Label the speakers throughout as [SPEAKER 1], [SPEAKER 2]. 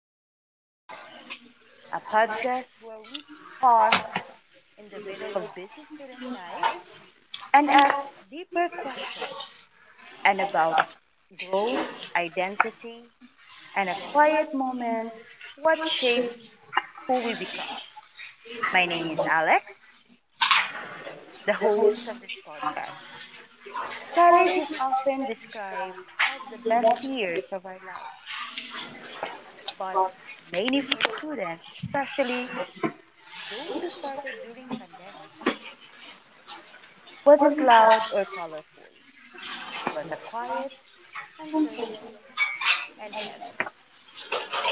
[SPEAKER 1] Between Classes, a podcast where we pause in the middle of busy student lives and ask deeper questions and about growth, identity, and a quiet moments what shapes who we become. My name is Alex, the host of this podcast. College is often described as the best years of our lives, but mainly for students, especially those who started during pandemic wasn't loud or colorful. It was a quiet, uncertain, and heavy.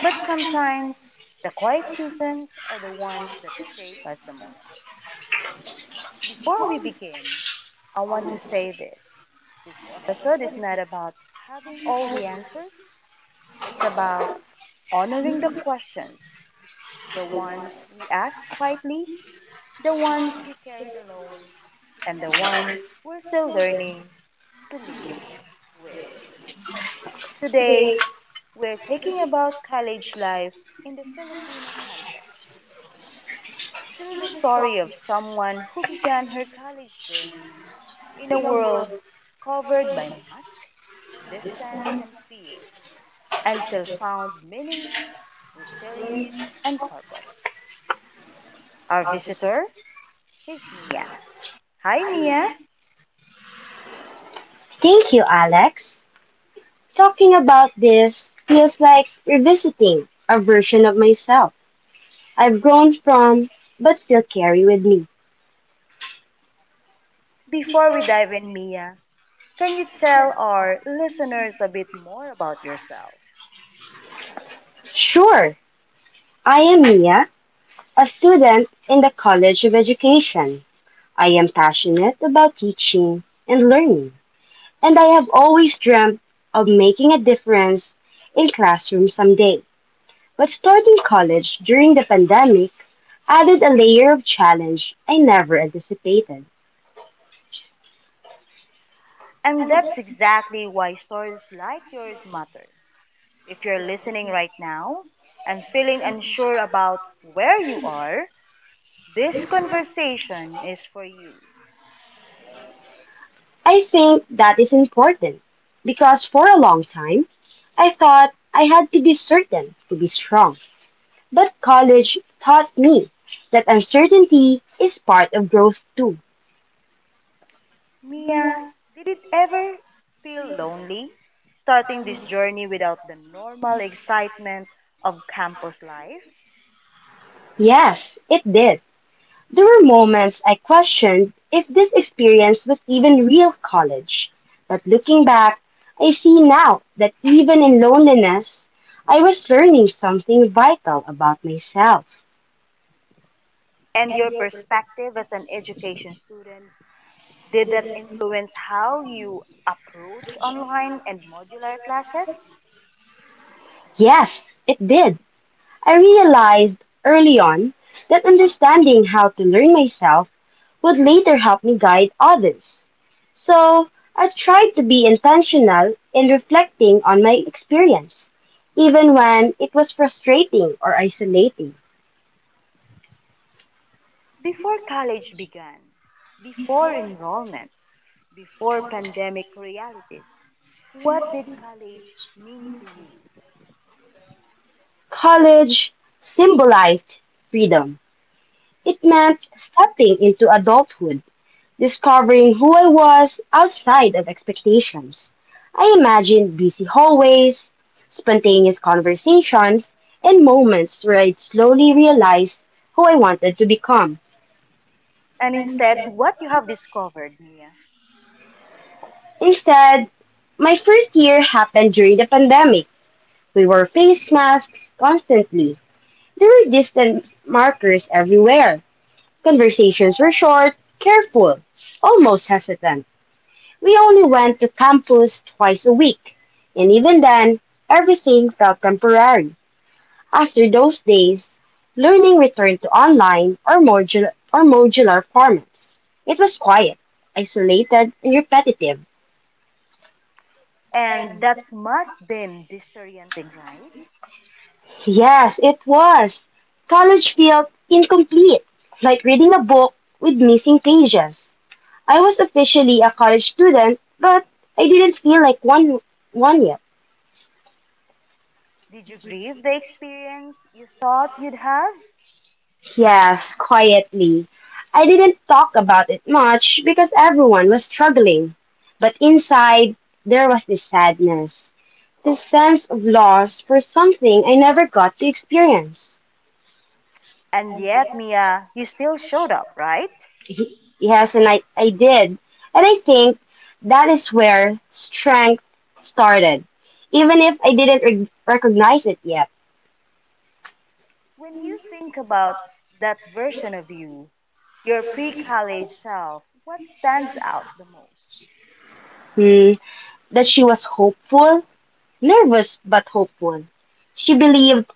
[SPEAKER 1] But sometimes the quiet seasons are the ones that shape us the most. Before we begin, I want to say this. This episode is not about having all the answers. It's about honoring the questions, the ones we ask quietly, the ones we carried alone, and the ones we're still learning to live with. Today, we're thinking about college life in the Filipino context through the story of someone who began her college journey in a world covered by mask, distance, and fear, and still found meaning, resilience, and purpose. Our visitor is Mia. Hi, Mia.
[SPEAKER 2] Thank you, Alex. Talking about this feels like revisiting a version of myself I've grown from but still carry with me.
[SPEAKER 1] Before we dive in, Mia, can you tell our listeners a bit more about yourself?
[SPEAKER 2] Sure, I am Mia, a student in the College of Education. I am passionate about teaching and learning, and I have always dreamt of making a difference in classrooms someday. But starting college during the pandemic added a layer of challenge I never anticipated.
[SPEAKER 1] And that's exactly why stories like yours matter. If you're listening right now and feeling unsure about where you are, this conversation is for you.
[SPEAKER 2] I think that is important because for a long time I thought I had to be certain to be strong. But college taught me that uncertainty is part of growth too.
[SPEAKER 1] Mia, did it ever feel lonely starting this journey without the normal excitement of campus life?
[SPEAKER 2] Yes, it did. There were moments I questioned if this experience was even real college. But looking back, I see now that even in loneliness, I was learning something vital about myself.
[SPEAKER 1] And your perspective as an education student, did that influence how you approach online and modular classes?
[SPEAKER 2] Yes, it did. I realized early on that understanding how to learn myself would later help me guide others. So I tried to be intentional in reflecting on my experience, even when it was frustrating or isolating.
[SPEAKER 1] Before college began, before enrollment, before pandemic realities. What did college mean to you?
[SPEAKER 2] College symbolized freedom. It meant stepping into adulthood, discovering who I was outside of expectations. I imagined busy hallways, spontaneous conversations, and moments where I'd slowly realized who I wanted to become.
[SPEAKER 1] And instead, what you have discovered, Mia?
[SPEAKER 2] Instead, my first year happened during the pandemic. We wore face masks constantly. There were distance markers everywhere. Conversations were short, careful, almost hesitant. We only went to campus twice a week, and even then, everything felt temporary. After those days, learning returned to online or modular formats. It was quiet, isolated, and repetitive.
[SPEAKER 1] And that's must been disorienting, right?
[SPEAKER 2] Yes, it was. College felt incomplete, like reading a book with missing pages. I was officially a college student, but I didn't feel like one yet.
[SPEAKER 1] Did you grieve the experience you thought you'd have?
[SPEAKER 2] Yes, quietly. I didn't talk about it much because everyone was struggling. But inside, there was this sadness, this sense of loss for something I never got to experience.
[SPEAKER 1] And yet, Mia, you still showed up, right?
[SPEAKER 2] Yes, and I did. And I think that is where strength started, even if I didn't recognize it yet.
[SPEAKER 1] When you think about that version of you, your pre college self, what stands out the most?
[SPEAKER 2] Hmm, that she was hopeful, nervous but hopeful. She believed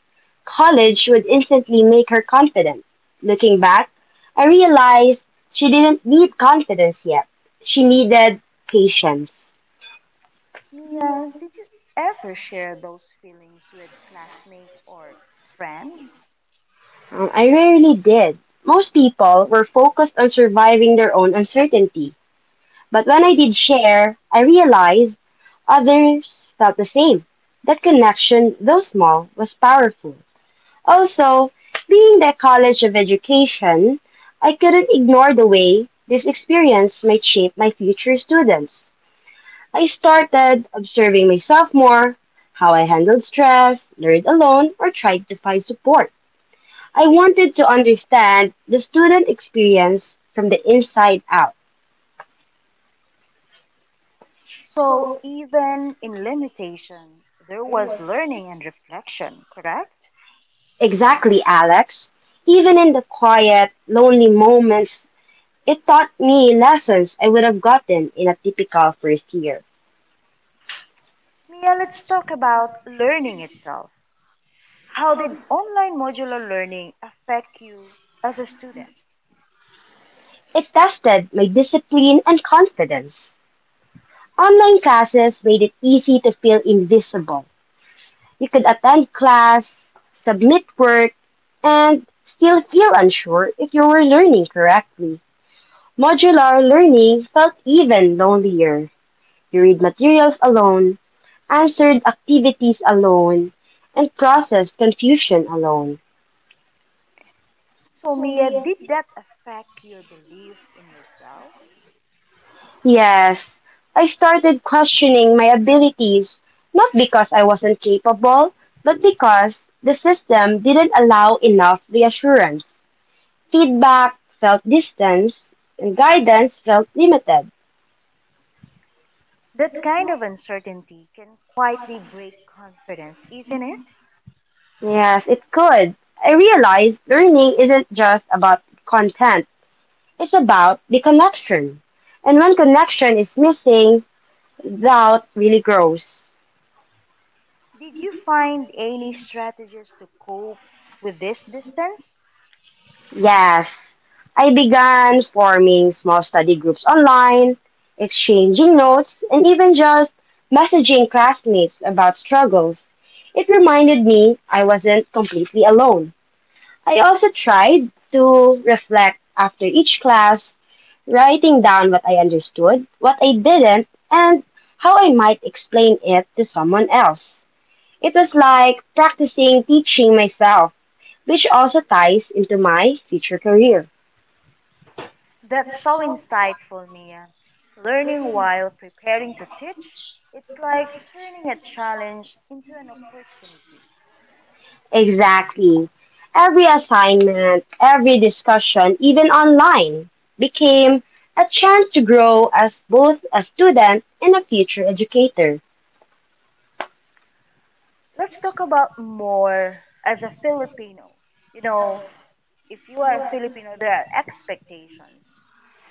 [SPEAKER 2] college would instantly make her confident. Looking back, I realized she didn't need confidence yet. She needed patience.
[SPEAKER 1] Mia, did you ever share those feelings with classmates or friends?
[SPEAKER 2] I rarely did. Most people were focused on surviving their own uncertainty. But when I did share, I realized others felt the same. That connection, though small, was powerful. Also, being the College of Education, I couldn't ignore the way this experience might shape my future students. I started observing myself more, how I handled stress, learned alone, or tried to find support. I wanted to understand the student experience from the inside out.
[SPEAKER 1] So, even in limitation, there was learning and reflection, correct?
[SPEAKER 2] Exactly, Alex. Even in the quiet, lonely moments, it taught me lessons I would have gotten in a typical first year.
[SPEAKER 1] Mia, let's talk about learning itself. How did online modular learning affect you as a student?
[SPEAKER 2] It tested my discipline and confidence. Online classes made it easy to feel invisible. You could attend class, submit work, and still feel unsure if you were learning correctly. Modular learning felt even lonelier. You read materials alone, answered activities alone, and processed confusion alone.
[SPEAKER 1] So, Mia, did that affect your belief in yourself?
[SPEAKER 2] Yes, I started questioning my abilities, not because I wasn't capable, but because the system didn't allow enough reassurance. Feedback felt distance, and guidance felt limited.
[SPEAKER 1] That kind of uncertainty can quietly break confidence, isn't it?
[SPEAKER 2] Yes, it could. I realized learning isn't just about content, it's about the connection. And when connection is missing, doubt really grows.
[SPEAKER 1] Did you find any strategies to cope with this distance?
[SPEAKER 2] Yes, I began forming small study groups online, exchanging notes, and even just messaging classmates about struggles. It reminded me I wasn't completely alone. I also tried to reflect after each class, writing down what I understood, what I didn't, and how I might explain it to someone else. It was like practicing teaching myself, which also ties into my future career.
[SPEAKER 1] That's so insightful, Mia. Learning while preparing to teach, it's like turning a challenge into an opportunity.
[SPEAKER 2] Exactly. Every assignment, every discussion, even online, became a chance to grow as both a student and a future educator.
[SPEAKER 1] Let's talk about more as a Filipino. You know, if you are a Filipino, there are expectations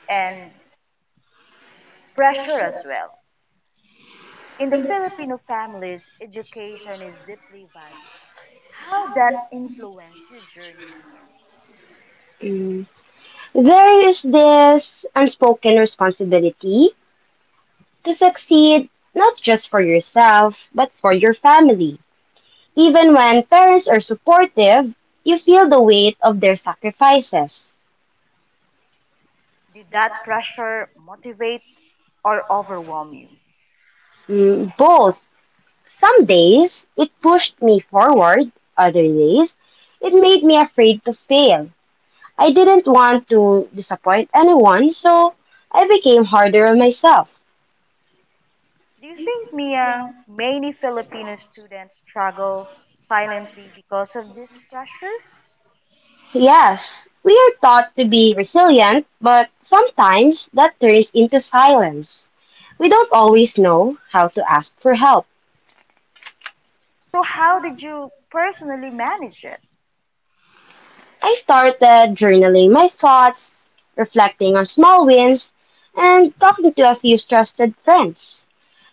[SPEAKER 1] and pressure as well. In the Filipino families, education is deeply valued. How that influenced your journey, Mia?
[SPEAKER 2] Mm. There is this unspoken responsibility to succeed not just for yourself, but for your family. Even when parents are supportive, you feel the weight of their sacrifices.
[SPEAKER 1] Did that pressure motivate or overwhelm you?
[SPEAKER 2] Mm, both. Some days it pushed me forward, other days it made me afraid to fail. I didn't want to disappoint anyone, so I became harder on myself.
[SPEAKER 1] Do you think, Mia, many Filipino students struggle silently because of this pressure?
[SPEAKER 2] Yes, we are taught to be resilient, but sometimes that turns into silence. We don't always know how to ask for help.
[SPEAKER 1] So, how did you personally manage it?
[SPEAKER 2] I started journaling my thoughts, reflecting on small wins, and talking to a few trusted friends.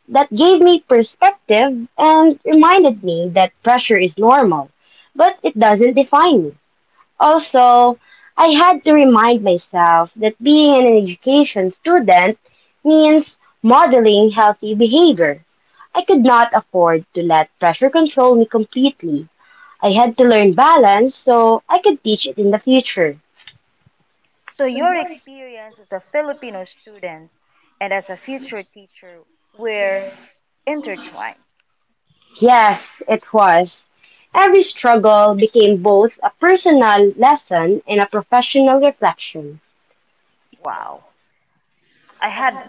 [SPEAKER 2] That gave me perspective and reminded me that pressure is normal, but it doesn't define me. Also, I had to remind myself that being an education student means modeling healthy behavior. I could not afford to let pressure control me completely. I had to learn balance so I could teach it in the future.
[SPEAKER 1] So, your experience as a Filipino student and as a future teacher were intertwined.
[SPEAKER 2] Yes, it was. Every struggle became both a personal lesson and a professional reflection.
[SPEAKER 1] Wow. I had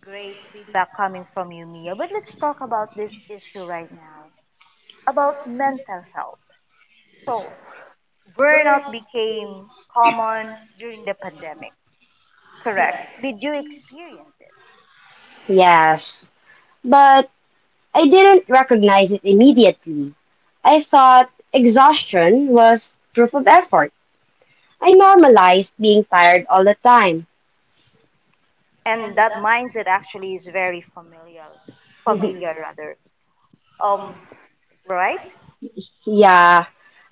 [SPEAKER 1] great feedback coming from you, Mia, but let's talk about this issue right now about mental health. So, burnout became common during the pandemic. Correct. Did you experience it?
[SPEAKER 2] Yes, but I didn't recognize it immediately. I thought exhaustion was proof of effort. I normalized being tired all the time.
[SPEAKER 1] And that mindset actually is very familiar, familiar rather. Um, right?
[SPEAKER 2] Yeah.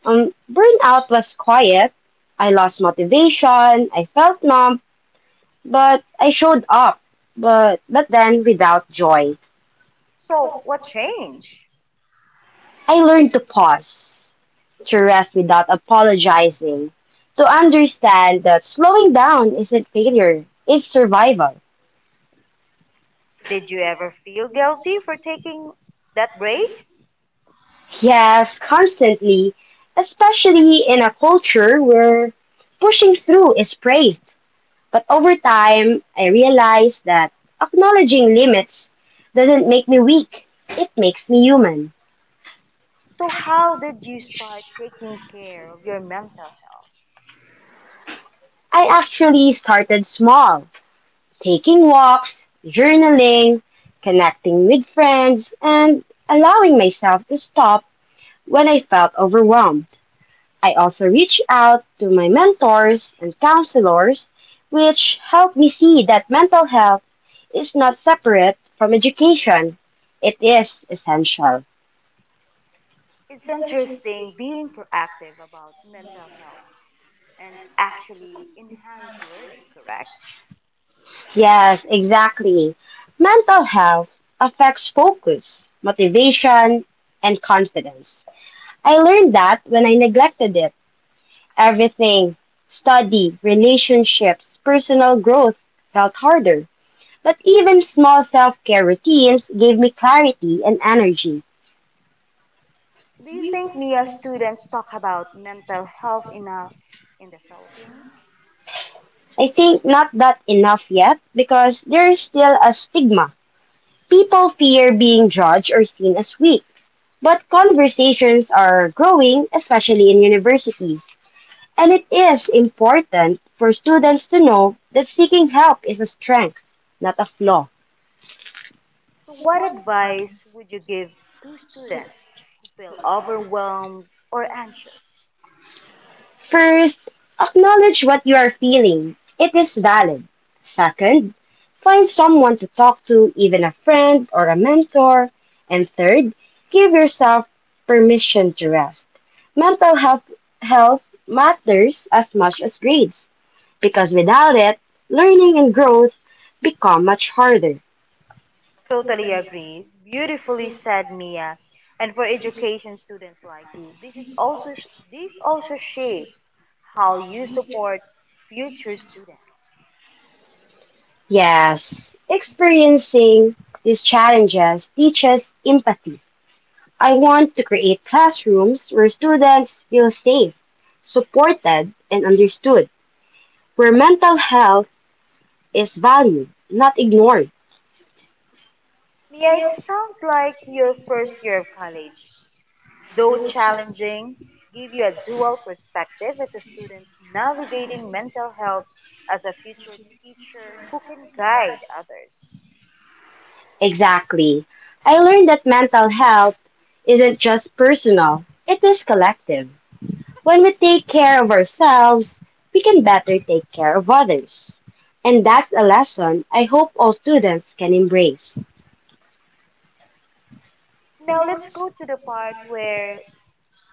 [SPEAKER 2] Burnout was quiet. I lost motivation. I felt numb, but I showed up. But then without joy.
[SPEAKER 1] So, what changed?
[SPEAKER 2] I learned to pause, to rest without apologizing, to understand that slowing down isn't failure, it's survival.
[SPEAKER 1] Did you ever feel guilty for taking that breaks?
[SPEAKER 2] Yes, constantly, especially in a culture where pushing through is praised. But over time, I realized that acknowledging limits doesn't make me weak, it makes me human.
[SPEAKER 1] So, how did you start taking care of your mental health?
[SPEAKER 2] I actually started small, taking walks, journaling, connecting with friends, and allowing myself to stop when I felt overwhelmed. I also reached out to my mentors and counselors, which helped me see that mental health is not separate from education. It is essential.
[SPEAKER 1] It's interesting being proactive about mental health and actually enhance learning, correct?
[SPEAKER 2] Yes, exactly. Mental health affects focus, motivation, and confidence. I learned that when I neglected it, Everything study, relationships, personal growth felt harder. But even small self care routines gave me clarity and energy.
[SPEAKER 1] Do you think Mia students talk about mental health enough in the Philippines?
[SPEAKER 2] I think not that enough yet because there is still a stigma. People fear being judged or seen as weak. But conversations are growing, especially in universities. And it is important for students to know that seeking help is a strength, not a flaw.
[SPEAKER 1] So, what advice would you give to students who feel overwhelmed or anxious?
[SPEAKER 2] First, acknowledge what you are feeling. It is valid. Second, find someone to talk to, even a friend or a mentor. And third, give yourself permission to rest. Mental health, Health matters as much as grades because without it, learning and growth become much harder.
[SPEAKER 1] Totally agree. Beautifully said, Mia. And for education students like you, this also shapes how you support future students.
[SPEAKER 2] Yes, experiencing these challenges teaches empathy. I want to create classrooms where students feel safe, supported, and understood, where mental health is valued, not ignored.
[SPEAKER 1] Mia, it sounds like your first year of college though challenging, give you a dual perspective as a student navigating mental health as a future teacher who can guide others.
[SPEAKER 2] Exactly. I learned that mental health isn't just personal, it is collective. When we take care of ourselves, we can better take care of others. And that's a lesson I hope all students can embrace.
[SPEAKER 1] Now let's go to the part where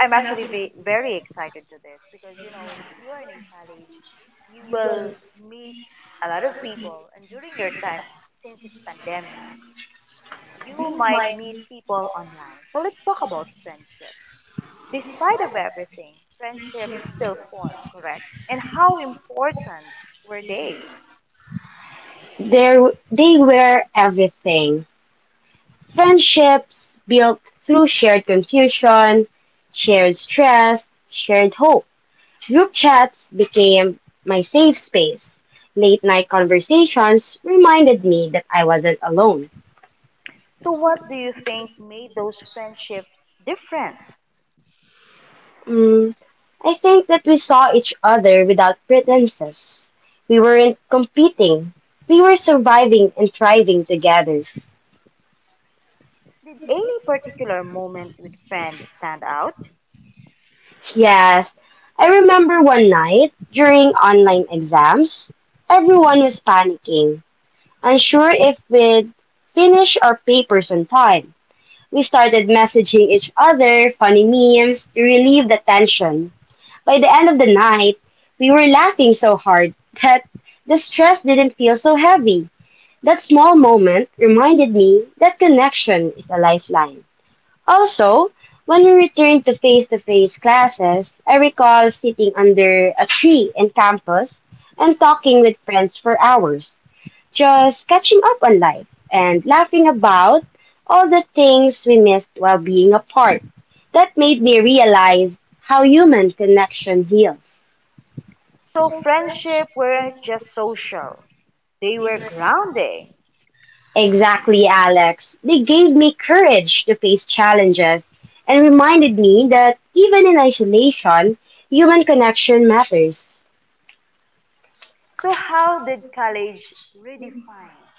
[SPEAKER 1] I'm actually very excited to this because you know if you are in college, you will meet a lot of people, and during your time since it's pandemic, you might meet people online. So let's talk about friendship. Despite of everything, friendships still form, correct? And how important were they?
[SPEAKER 2] They wear everything. Friendships built through shared confusion, shared stress, shared hope. Group chats became my safe space. Late night conversations reminded me that I wasn't alone.
[SPEAKER 1] So what do you think made those friendships different?
[SPEAKER 2] Mm, I think that we saw each other without pretenses. We weren't competing. We were surviving and thriving together.
[SPEAKER 1] Did any particular moment with friends stand out?
[SPEAKER 2] Yes, I remember one night during online exams, everyone was panicking, unsure if we'd finish our papers on time. We started messaging each other funny memes to relieve the tension. By the end of the night, we were laughing so hard that the stress didn't feel so heavy. That small moment reminded me that connection is a lifeline. Also, when we returned to face classes, I recall sitting under a tree in campus and talking with friends for hours, just catching up on life and laughing about all the things we missed while being apart. That made me realize how human connection heals.
[SPEAKER 1] So friendship weren't just social, they were grounding.
[SPEAKER 2] Exactly, Alex. They gave me courage to face challenges and reminded me that even in isolation, human connection matters.
[SPEAKER 1] So how did college redefine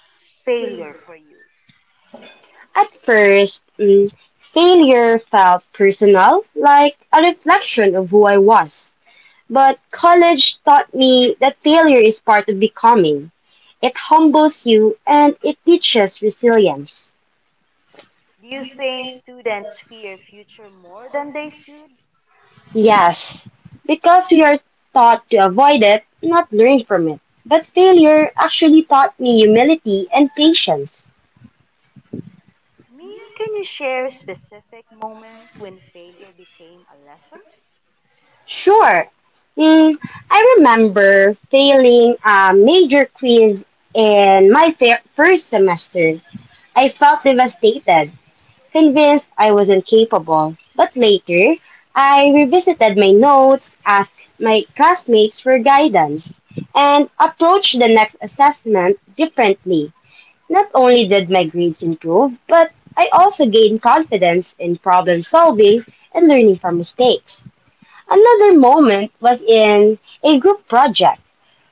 [SPEAKER 1] failure for you?
[SPEAKER 2] At first, mm, failure felt personal, like a reflection of who I was. But college taught me that failure is part of becoming. It humbles you and it teaches resilience.
[SPEAKER 1] Do you think students fear future more than they should?
[SPEAKER 2] Yes, because we are taught to avoid it, not learn from it. But failure actually taught me humility and patience.
[SPEAKER 1] Mia, can you share a specific moment when failure became a lesson?
[SPEAKER 2] Sure. Mm, I remember failing a major quiz in my first semester. I felt devastated, convinced I was incapable. But later, I revisited my notes, asked my classmates for guidance, and approached the next assessment differently. Not only did my grades improve, but I also gained confidence in problem solving and learning from mistakes. Another moment was in a group project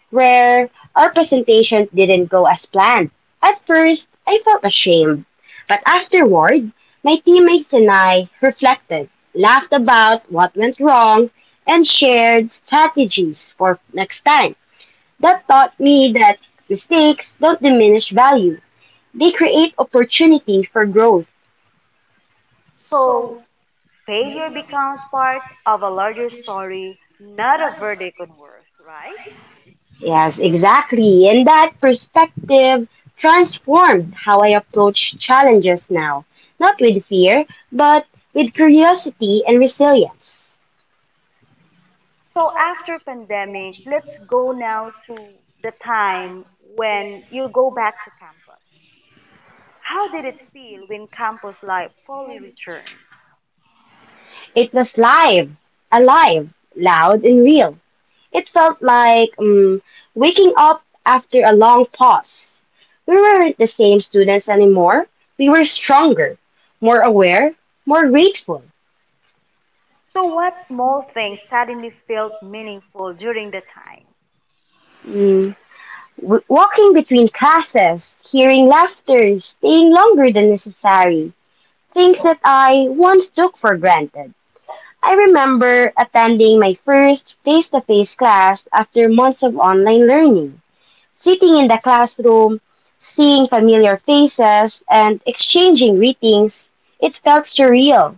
[SPEAKER 2] where our presentation didn't go as planned. At first, I felt ashamed, but afterward, my teammates and I reflected, laughed about what went wrong, and shared strategies for next time. That taught me that mistakes don't diminish value, they create opportunity for growth.
[SPEAKER 1] So, failure becomes part of a larger story, not a verdict on worth, right?
[SPEAKER 2] Yes, exactly. And that perspective transformed how I approach challenges now. Not with fear, but with curiosity and resilience.
[SPEAKER 1] So, after pandemic, let's go now to the time when you go back to campus. How did it feel when campus life fully returned?
[SPEAKER 2] It was alive, loud, and real. It felt like waking up after a long pause. We weren't the same students anymore. We were stronger, more aware, more grateful.
[SPEAKER 1] So, what small things suddenly felt meaningful during the time?
[SPEAKER 2] Mm. Walking between classes, hearing laughter, staying longer than necessary, things that I once took for granted. I remember attending my first face to face class after months of online learning, sitting in the classroom, seeing familiar faces, and exchanging greetings. It felt surreal.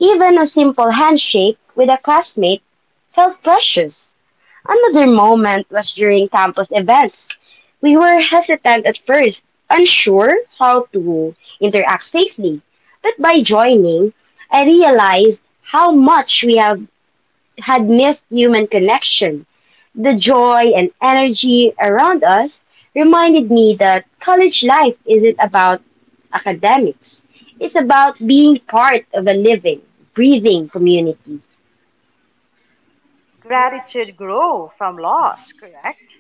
[SPEAKER 2] Even a simple handshake with a classmate felt precious. Another moment was during campus events. We were hesitant at first, unsure how to interact safely. But by joining, I realized how much we have had missed human connection. The joy and energy around us reminded me that college life isn't about academics. It's about being part of a living, breathing community.
[SPEAKER 1] Gratitude grew from loss, correct?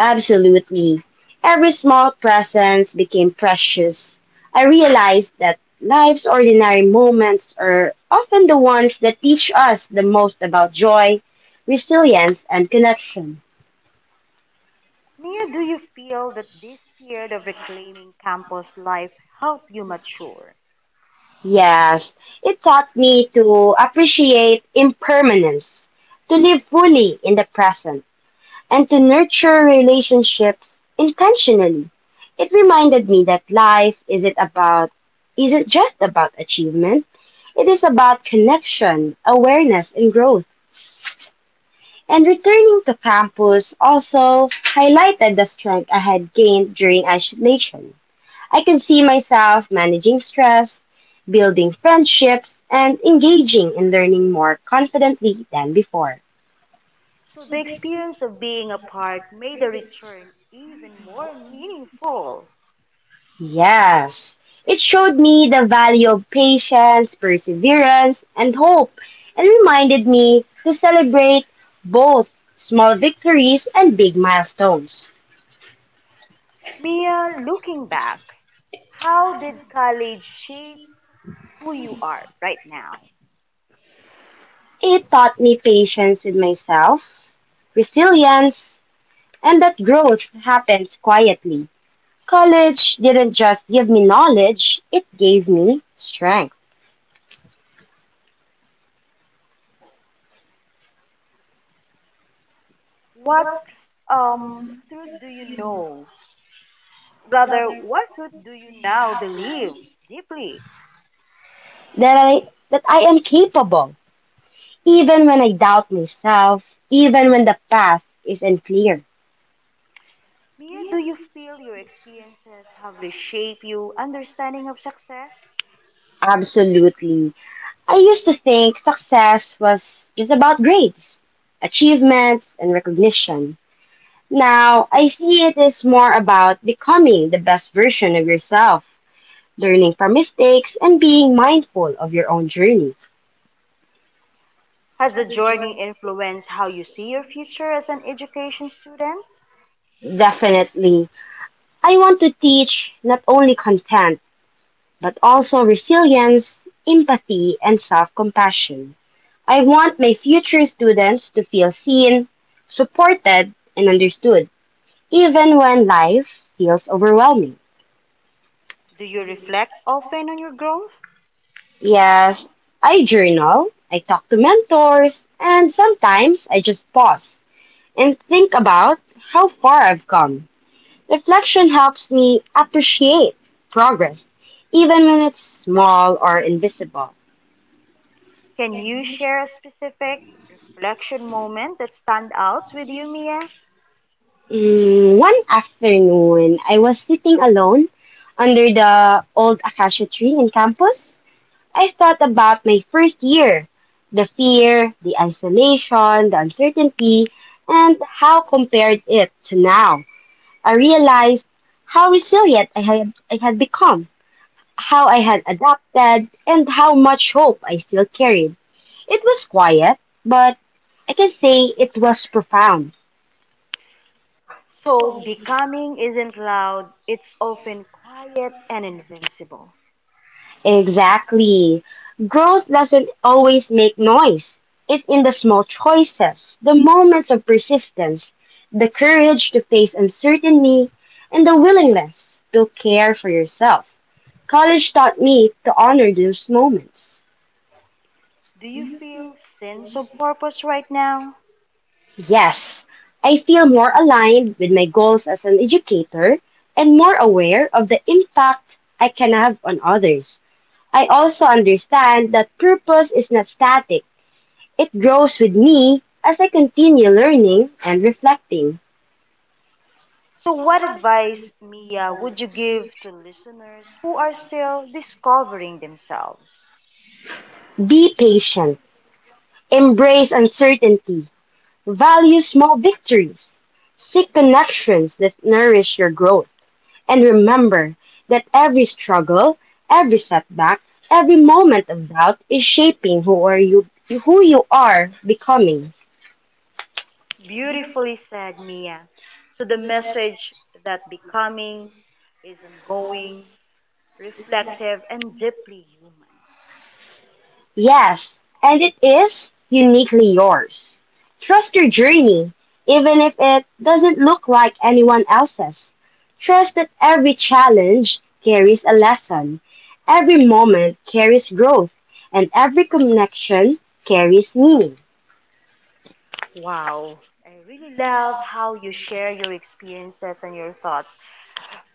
[SPEAKER 2] Absolutely. Every small presence became precious. I realized that life's ordinary moments are often the ones that teach us the most about joy, resilience, and connection.
[SPEAKER 1] Mia, do you feel that this period of reclaiming campus life helped you mature?
[SPEAKER 2] Yes, it taught me to appreciate impermanence, to live fully in the present, and to nurture relationships intentionally. It reminded me that life isn't just about achievement. It is about connection, awareness, and growth. And returning to campus also highlighted the strength I had gained during isolation. I could see myself managing stress, building friendships, and engaging in learning more confidently than before.
[SPEAKER 1] So the experience of being apart made the return even more meaningful.
[SPEAKER 2] Yes, it showed me the value of patience, perseverance, and hope, and reminded me to celebrate both small victories and big milestones.
[SPEAKER 1] Mia, looking back, how did college shape who you are right now?
[SPEAKER 2] It taught me patience with myself, resilience, and that growth happens quietly. College didn't just give me knowledge, it gave me strength.
[SPEAKER 1] What um truth do you know? What truth do you now believe deeply?
[SPEAKER 2] That I am capable, even when I doubt myself, even when the path is unclear.
[SPEAKER 1] Mia, do you feel your experiences have reshaped your understanding of success?
[SPEAKER 2] Absolutely. I used to think success was just about grades, achievements, and recognition. Now, I see it is more about becoming the best version of yourself, learning from mistakes, and being mindful of your own journey.
[SPEAKER 1] Has the journey influenced how you see your future as an education student?
[SPEAKER 2] Definitely. I want to teach not only content, but also resilience, empathy, and self compassion. I want my future students to feel seen, supported, and understood, even when life feels overwhelming.
[SPEAKER 1] Do you reflect often on your growth?
[SPEAKER 2] Yes, I journal, I talk to mentors, and sometimes I just pause and think about how far I've come. Reflection helps me appreciate progress, even when it's small or invisible.
[SPEAKER 1] Can you share a specific reflection moment that stands out with you, Mia?
[SPEAKER 2] One afternoon, I was sitting alone under the old acacia tree in campus. I thought about my first year, the fear, the isolation, the uncertainty, and how compared it to now. I realized how resilient I had become, how I had adapted, and how much hope I still carried. It was quiet, but I can say it was profound.
[SPEAKER 1] So, becoming isn't loud, it's often quiet and invincible.
[SPEAKER 2] Exactly. Growth doesn't always make noise. It's in the small choices, the moments of persistence, the courage to face uncertainty, and the willingness to care for yourself. College taught me to honor those moments.
[SPEAKER 1] Do you feel sense of purpose right now?
[SPEAKER 2] Yes, I feel more aligned with my goals as an educator and more aware of the impact I can have on others. I also understand that purpose is not static. It grows with me as I continue learning and reflecting.
[SPEAKER 1] So, what advice, Mia, would you give to listeners who are still discovering themselves?
[SPEAKER 2] Be patient. Embrace uncertainty. Value small victories. Seek connections that nourish your growth. And remember that every struggle, every setback, every moment of doubt is shaping who you are becoming.
[SPEAKER 1] Beautifully said, Mia. So the message that becoming is ongoing, reflective, and deeply human.
[SPEAKER 2] Yes, and it is uniquely yours. Trust your journey, even if it doesn't look like anyone else's. Trust that every challenge carries a lesson, every moment carries growth, and every connection carries meaning.
[SPEAKER 1] Wow. I really love how you share your experiences and your thoughts.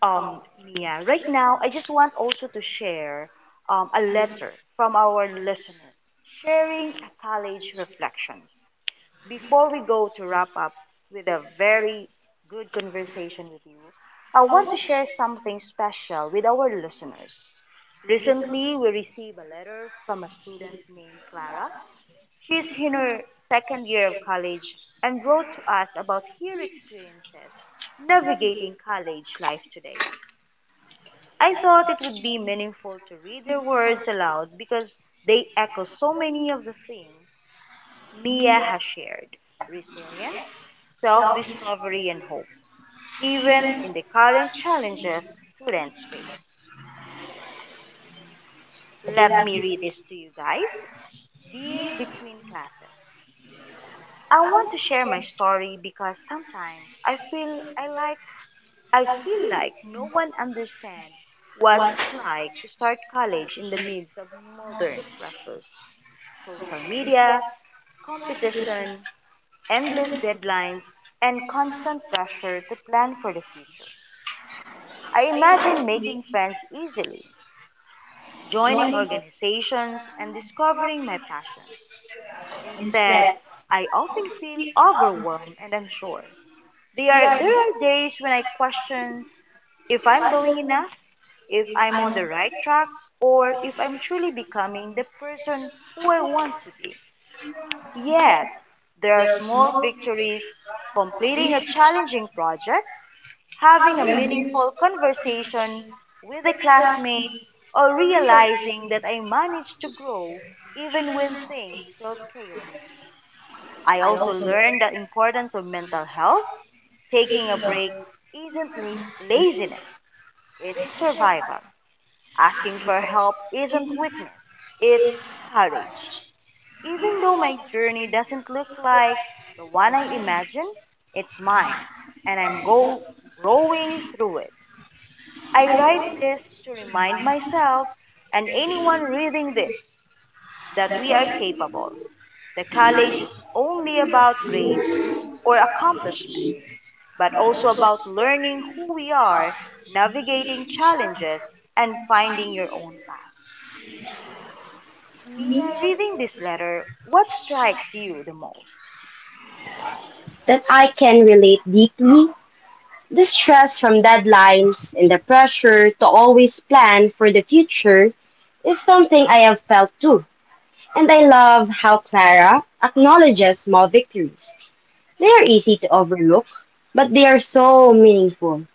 [SPEAKER 1] Mia, right now, I just want also to share a letter from our listener sharing a college reflections. Before we go to wrap up with a very good conversation with you, I want to share something special with our listeners. Recently, we received a letter from a student named Clara. She's in her second year of college and wrote to us about her experiences navigating college life today. I thought it would be meaningful to read their words aloud because they echo so many of the themes Mia has shared resilience, self discovery, and hope, even in the current challenges students face. Let me read this to you guys. Dear Between Classes, I want to share my story because sometimes I feel like no one understands what it's like to start college in the midst of modern pressures, social media, competition, endless deadlines, and constant pressure to plan for the future. I imagine making friends easily, joining organizations, and discovering my passions. Instead, I often feel overwhelmed and unsure. There are days when I question if I'm doing enough, if I'm on the right track, or if I'm truly becoming the person who I want to be. Yet, there are small victories, completing a challenging project, having a meaningful conversation with a classmate, or realizing that I managed to grow even when things felt chaotic. I also learned the importance of mental health. Taking a break isn't laziness, it's survival. Asking for help isn't weakness, it's courage. Even though my journey doesn't look like the one I imagined, it's mine, and I'm growing through it. I write this to remind myself and anyone reading this that we are capable. The college is only about grades or accomplishments, but also about learning who we are, navigating challenges, and finding your own path. Mia, reading this letter, what strikes you the most?
[SPEAKER 2] That I can relate deeply. The stress from deadlines and the pressure to always plan for the future is something I have felt too. And I love how Clara acknowledges small victories. They are easy to overlook, but they are so meaningful.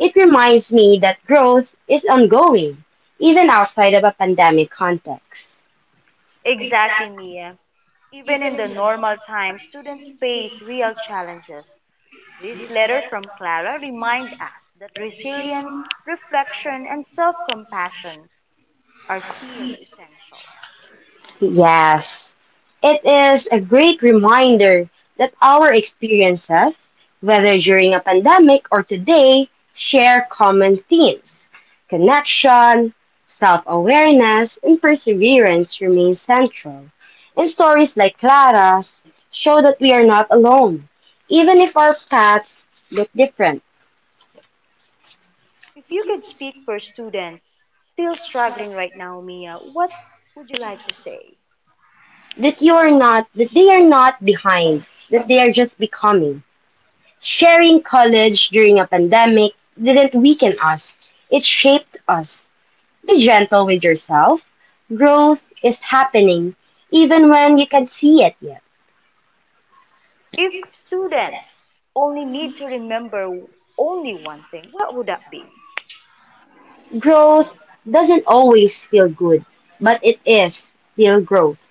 [SPEAKER 2] It reminds me that growth is ongoing, even outside of a pandemic context.
[SPEAKER 1] Exactly, Mia. Even in the normal time, students face real challenges. This letter from Clara reminds us that resilience, reflection, and self compassion are still essential.
[SPEAKER 2] Yes, it is a great reminder that our experiences, whether during a pandemic or today, share common themes. Connection, self awareness, and perseverance remain central. And stories like Clara's show that we are not alone, even if our paths look different,
[SPEAKER 1] If you could speak for students still struggling right now, Mia, what would you like to say?
[SPEAKER 2] that they are not behind, that they are just becoming. Sharing college during a pandemic didn't weaken us, it shaped us. Be gentle with yourself. Growth is happening, even when you can't see it yet.
[SPEAKER 1] If students only need to remember only one thing, what would that be?
[SPEAKER 2] Growth doesn't always feel good, but it is still growth.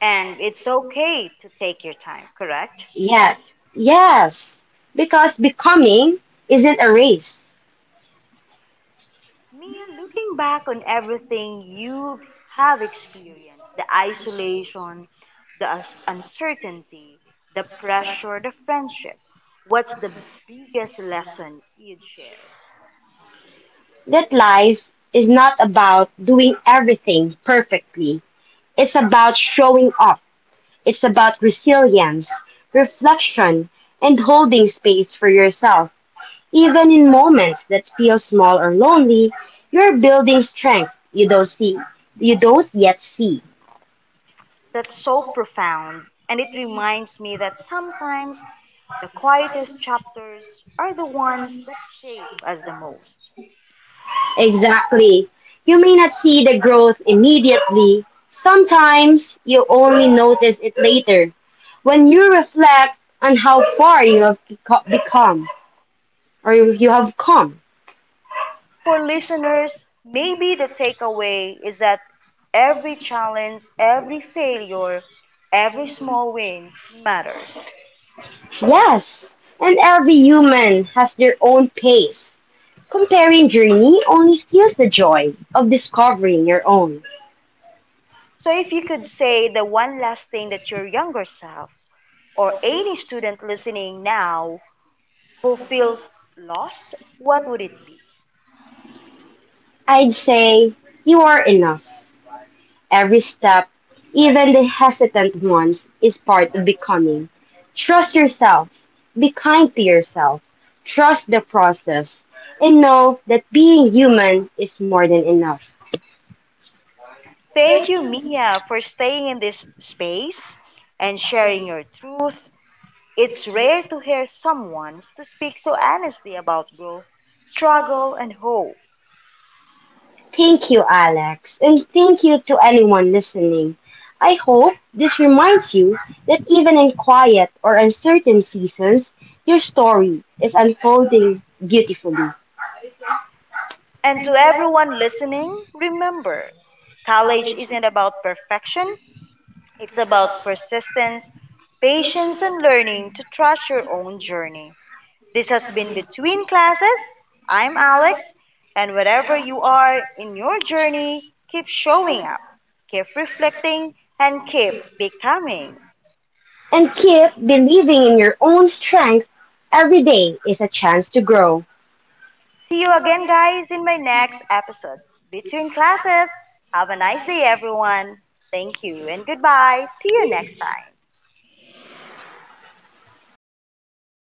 [SPEAKER 1] And it's okay to take your time, correct?
[SPEAKER 2] Yet, yes, because becoming isn't a race.
[SPEAKER 1] Mia, looking back on everything you have experienced the isolation, the uncertainty, the pressure, the friendship what's the biggest lesson you'd share?
[SPEAKER 2] That life is not about doing everything perfectly, it's about showing up. It's about resilience, reflection, and holding space for yourself. Even in moments that feel small or lonely, you're building strength you don't see, you don't yet see.
[SPEAKER 1] That's so profound, and it reminds me that sometimes the quietest chapters are the ones that shape us the most.
[SPEAKER 2] Exactly. You may not see the growth immediately. Sometimes you only notice it later when you reflect on how far become you have come.
[SPEAKER 1] For listeners, maybe the takeaway is that every challenge, every failure, every small win matters.
[SPEAKER 2] Yes, and every human has their own pace. Comparing journey only steals the joy of discovering your own.
[SPEAKER 1] So if you could say the one last thing that your younger self or any student listening now who feels lost, what would it be?
[SPEAKER 2] I'd say you are enough. Every step, even the hesitant ones, is part of becoming. Trust yourself, be kind to yourself, trust the process, and know that being human is more than enough.
[SPEAKER 1] Thank you, Mia, for staying in this space and sharing your truth. It's rare to hear someone to speak so honestly about growth, struggle, and hope.
[SPEAKER 2] Thank you, Alex, and thank you to anyone listening. I hope this reminds you that even in quiet or uncertain seasons, your story is unfolding beautifully.
[SPEAKER 1] And to everyone listening, remember college isn't about perfection, it's about persistence, patience, and learning to trust your own journey. This has been Between Classes. I'm Alex, and wherever you are in your journey, keep showing up, keep reflecting, and keep becoming.
[SPEAKER 2] And keep believing in your own strength. Every day is a chance to grow.
[SPEAKER 1] See you again, guys, in my next episode. Between Classes, have a nice day, everyone. Thank you, and goodbye. See you next time.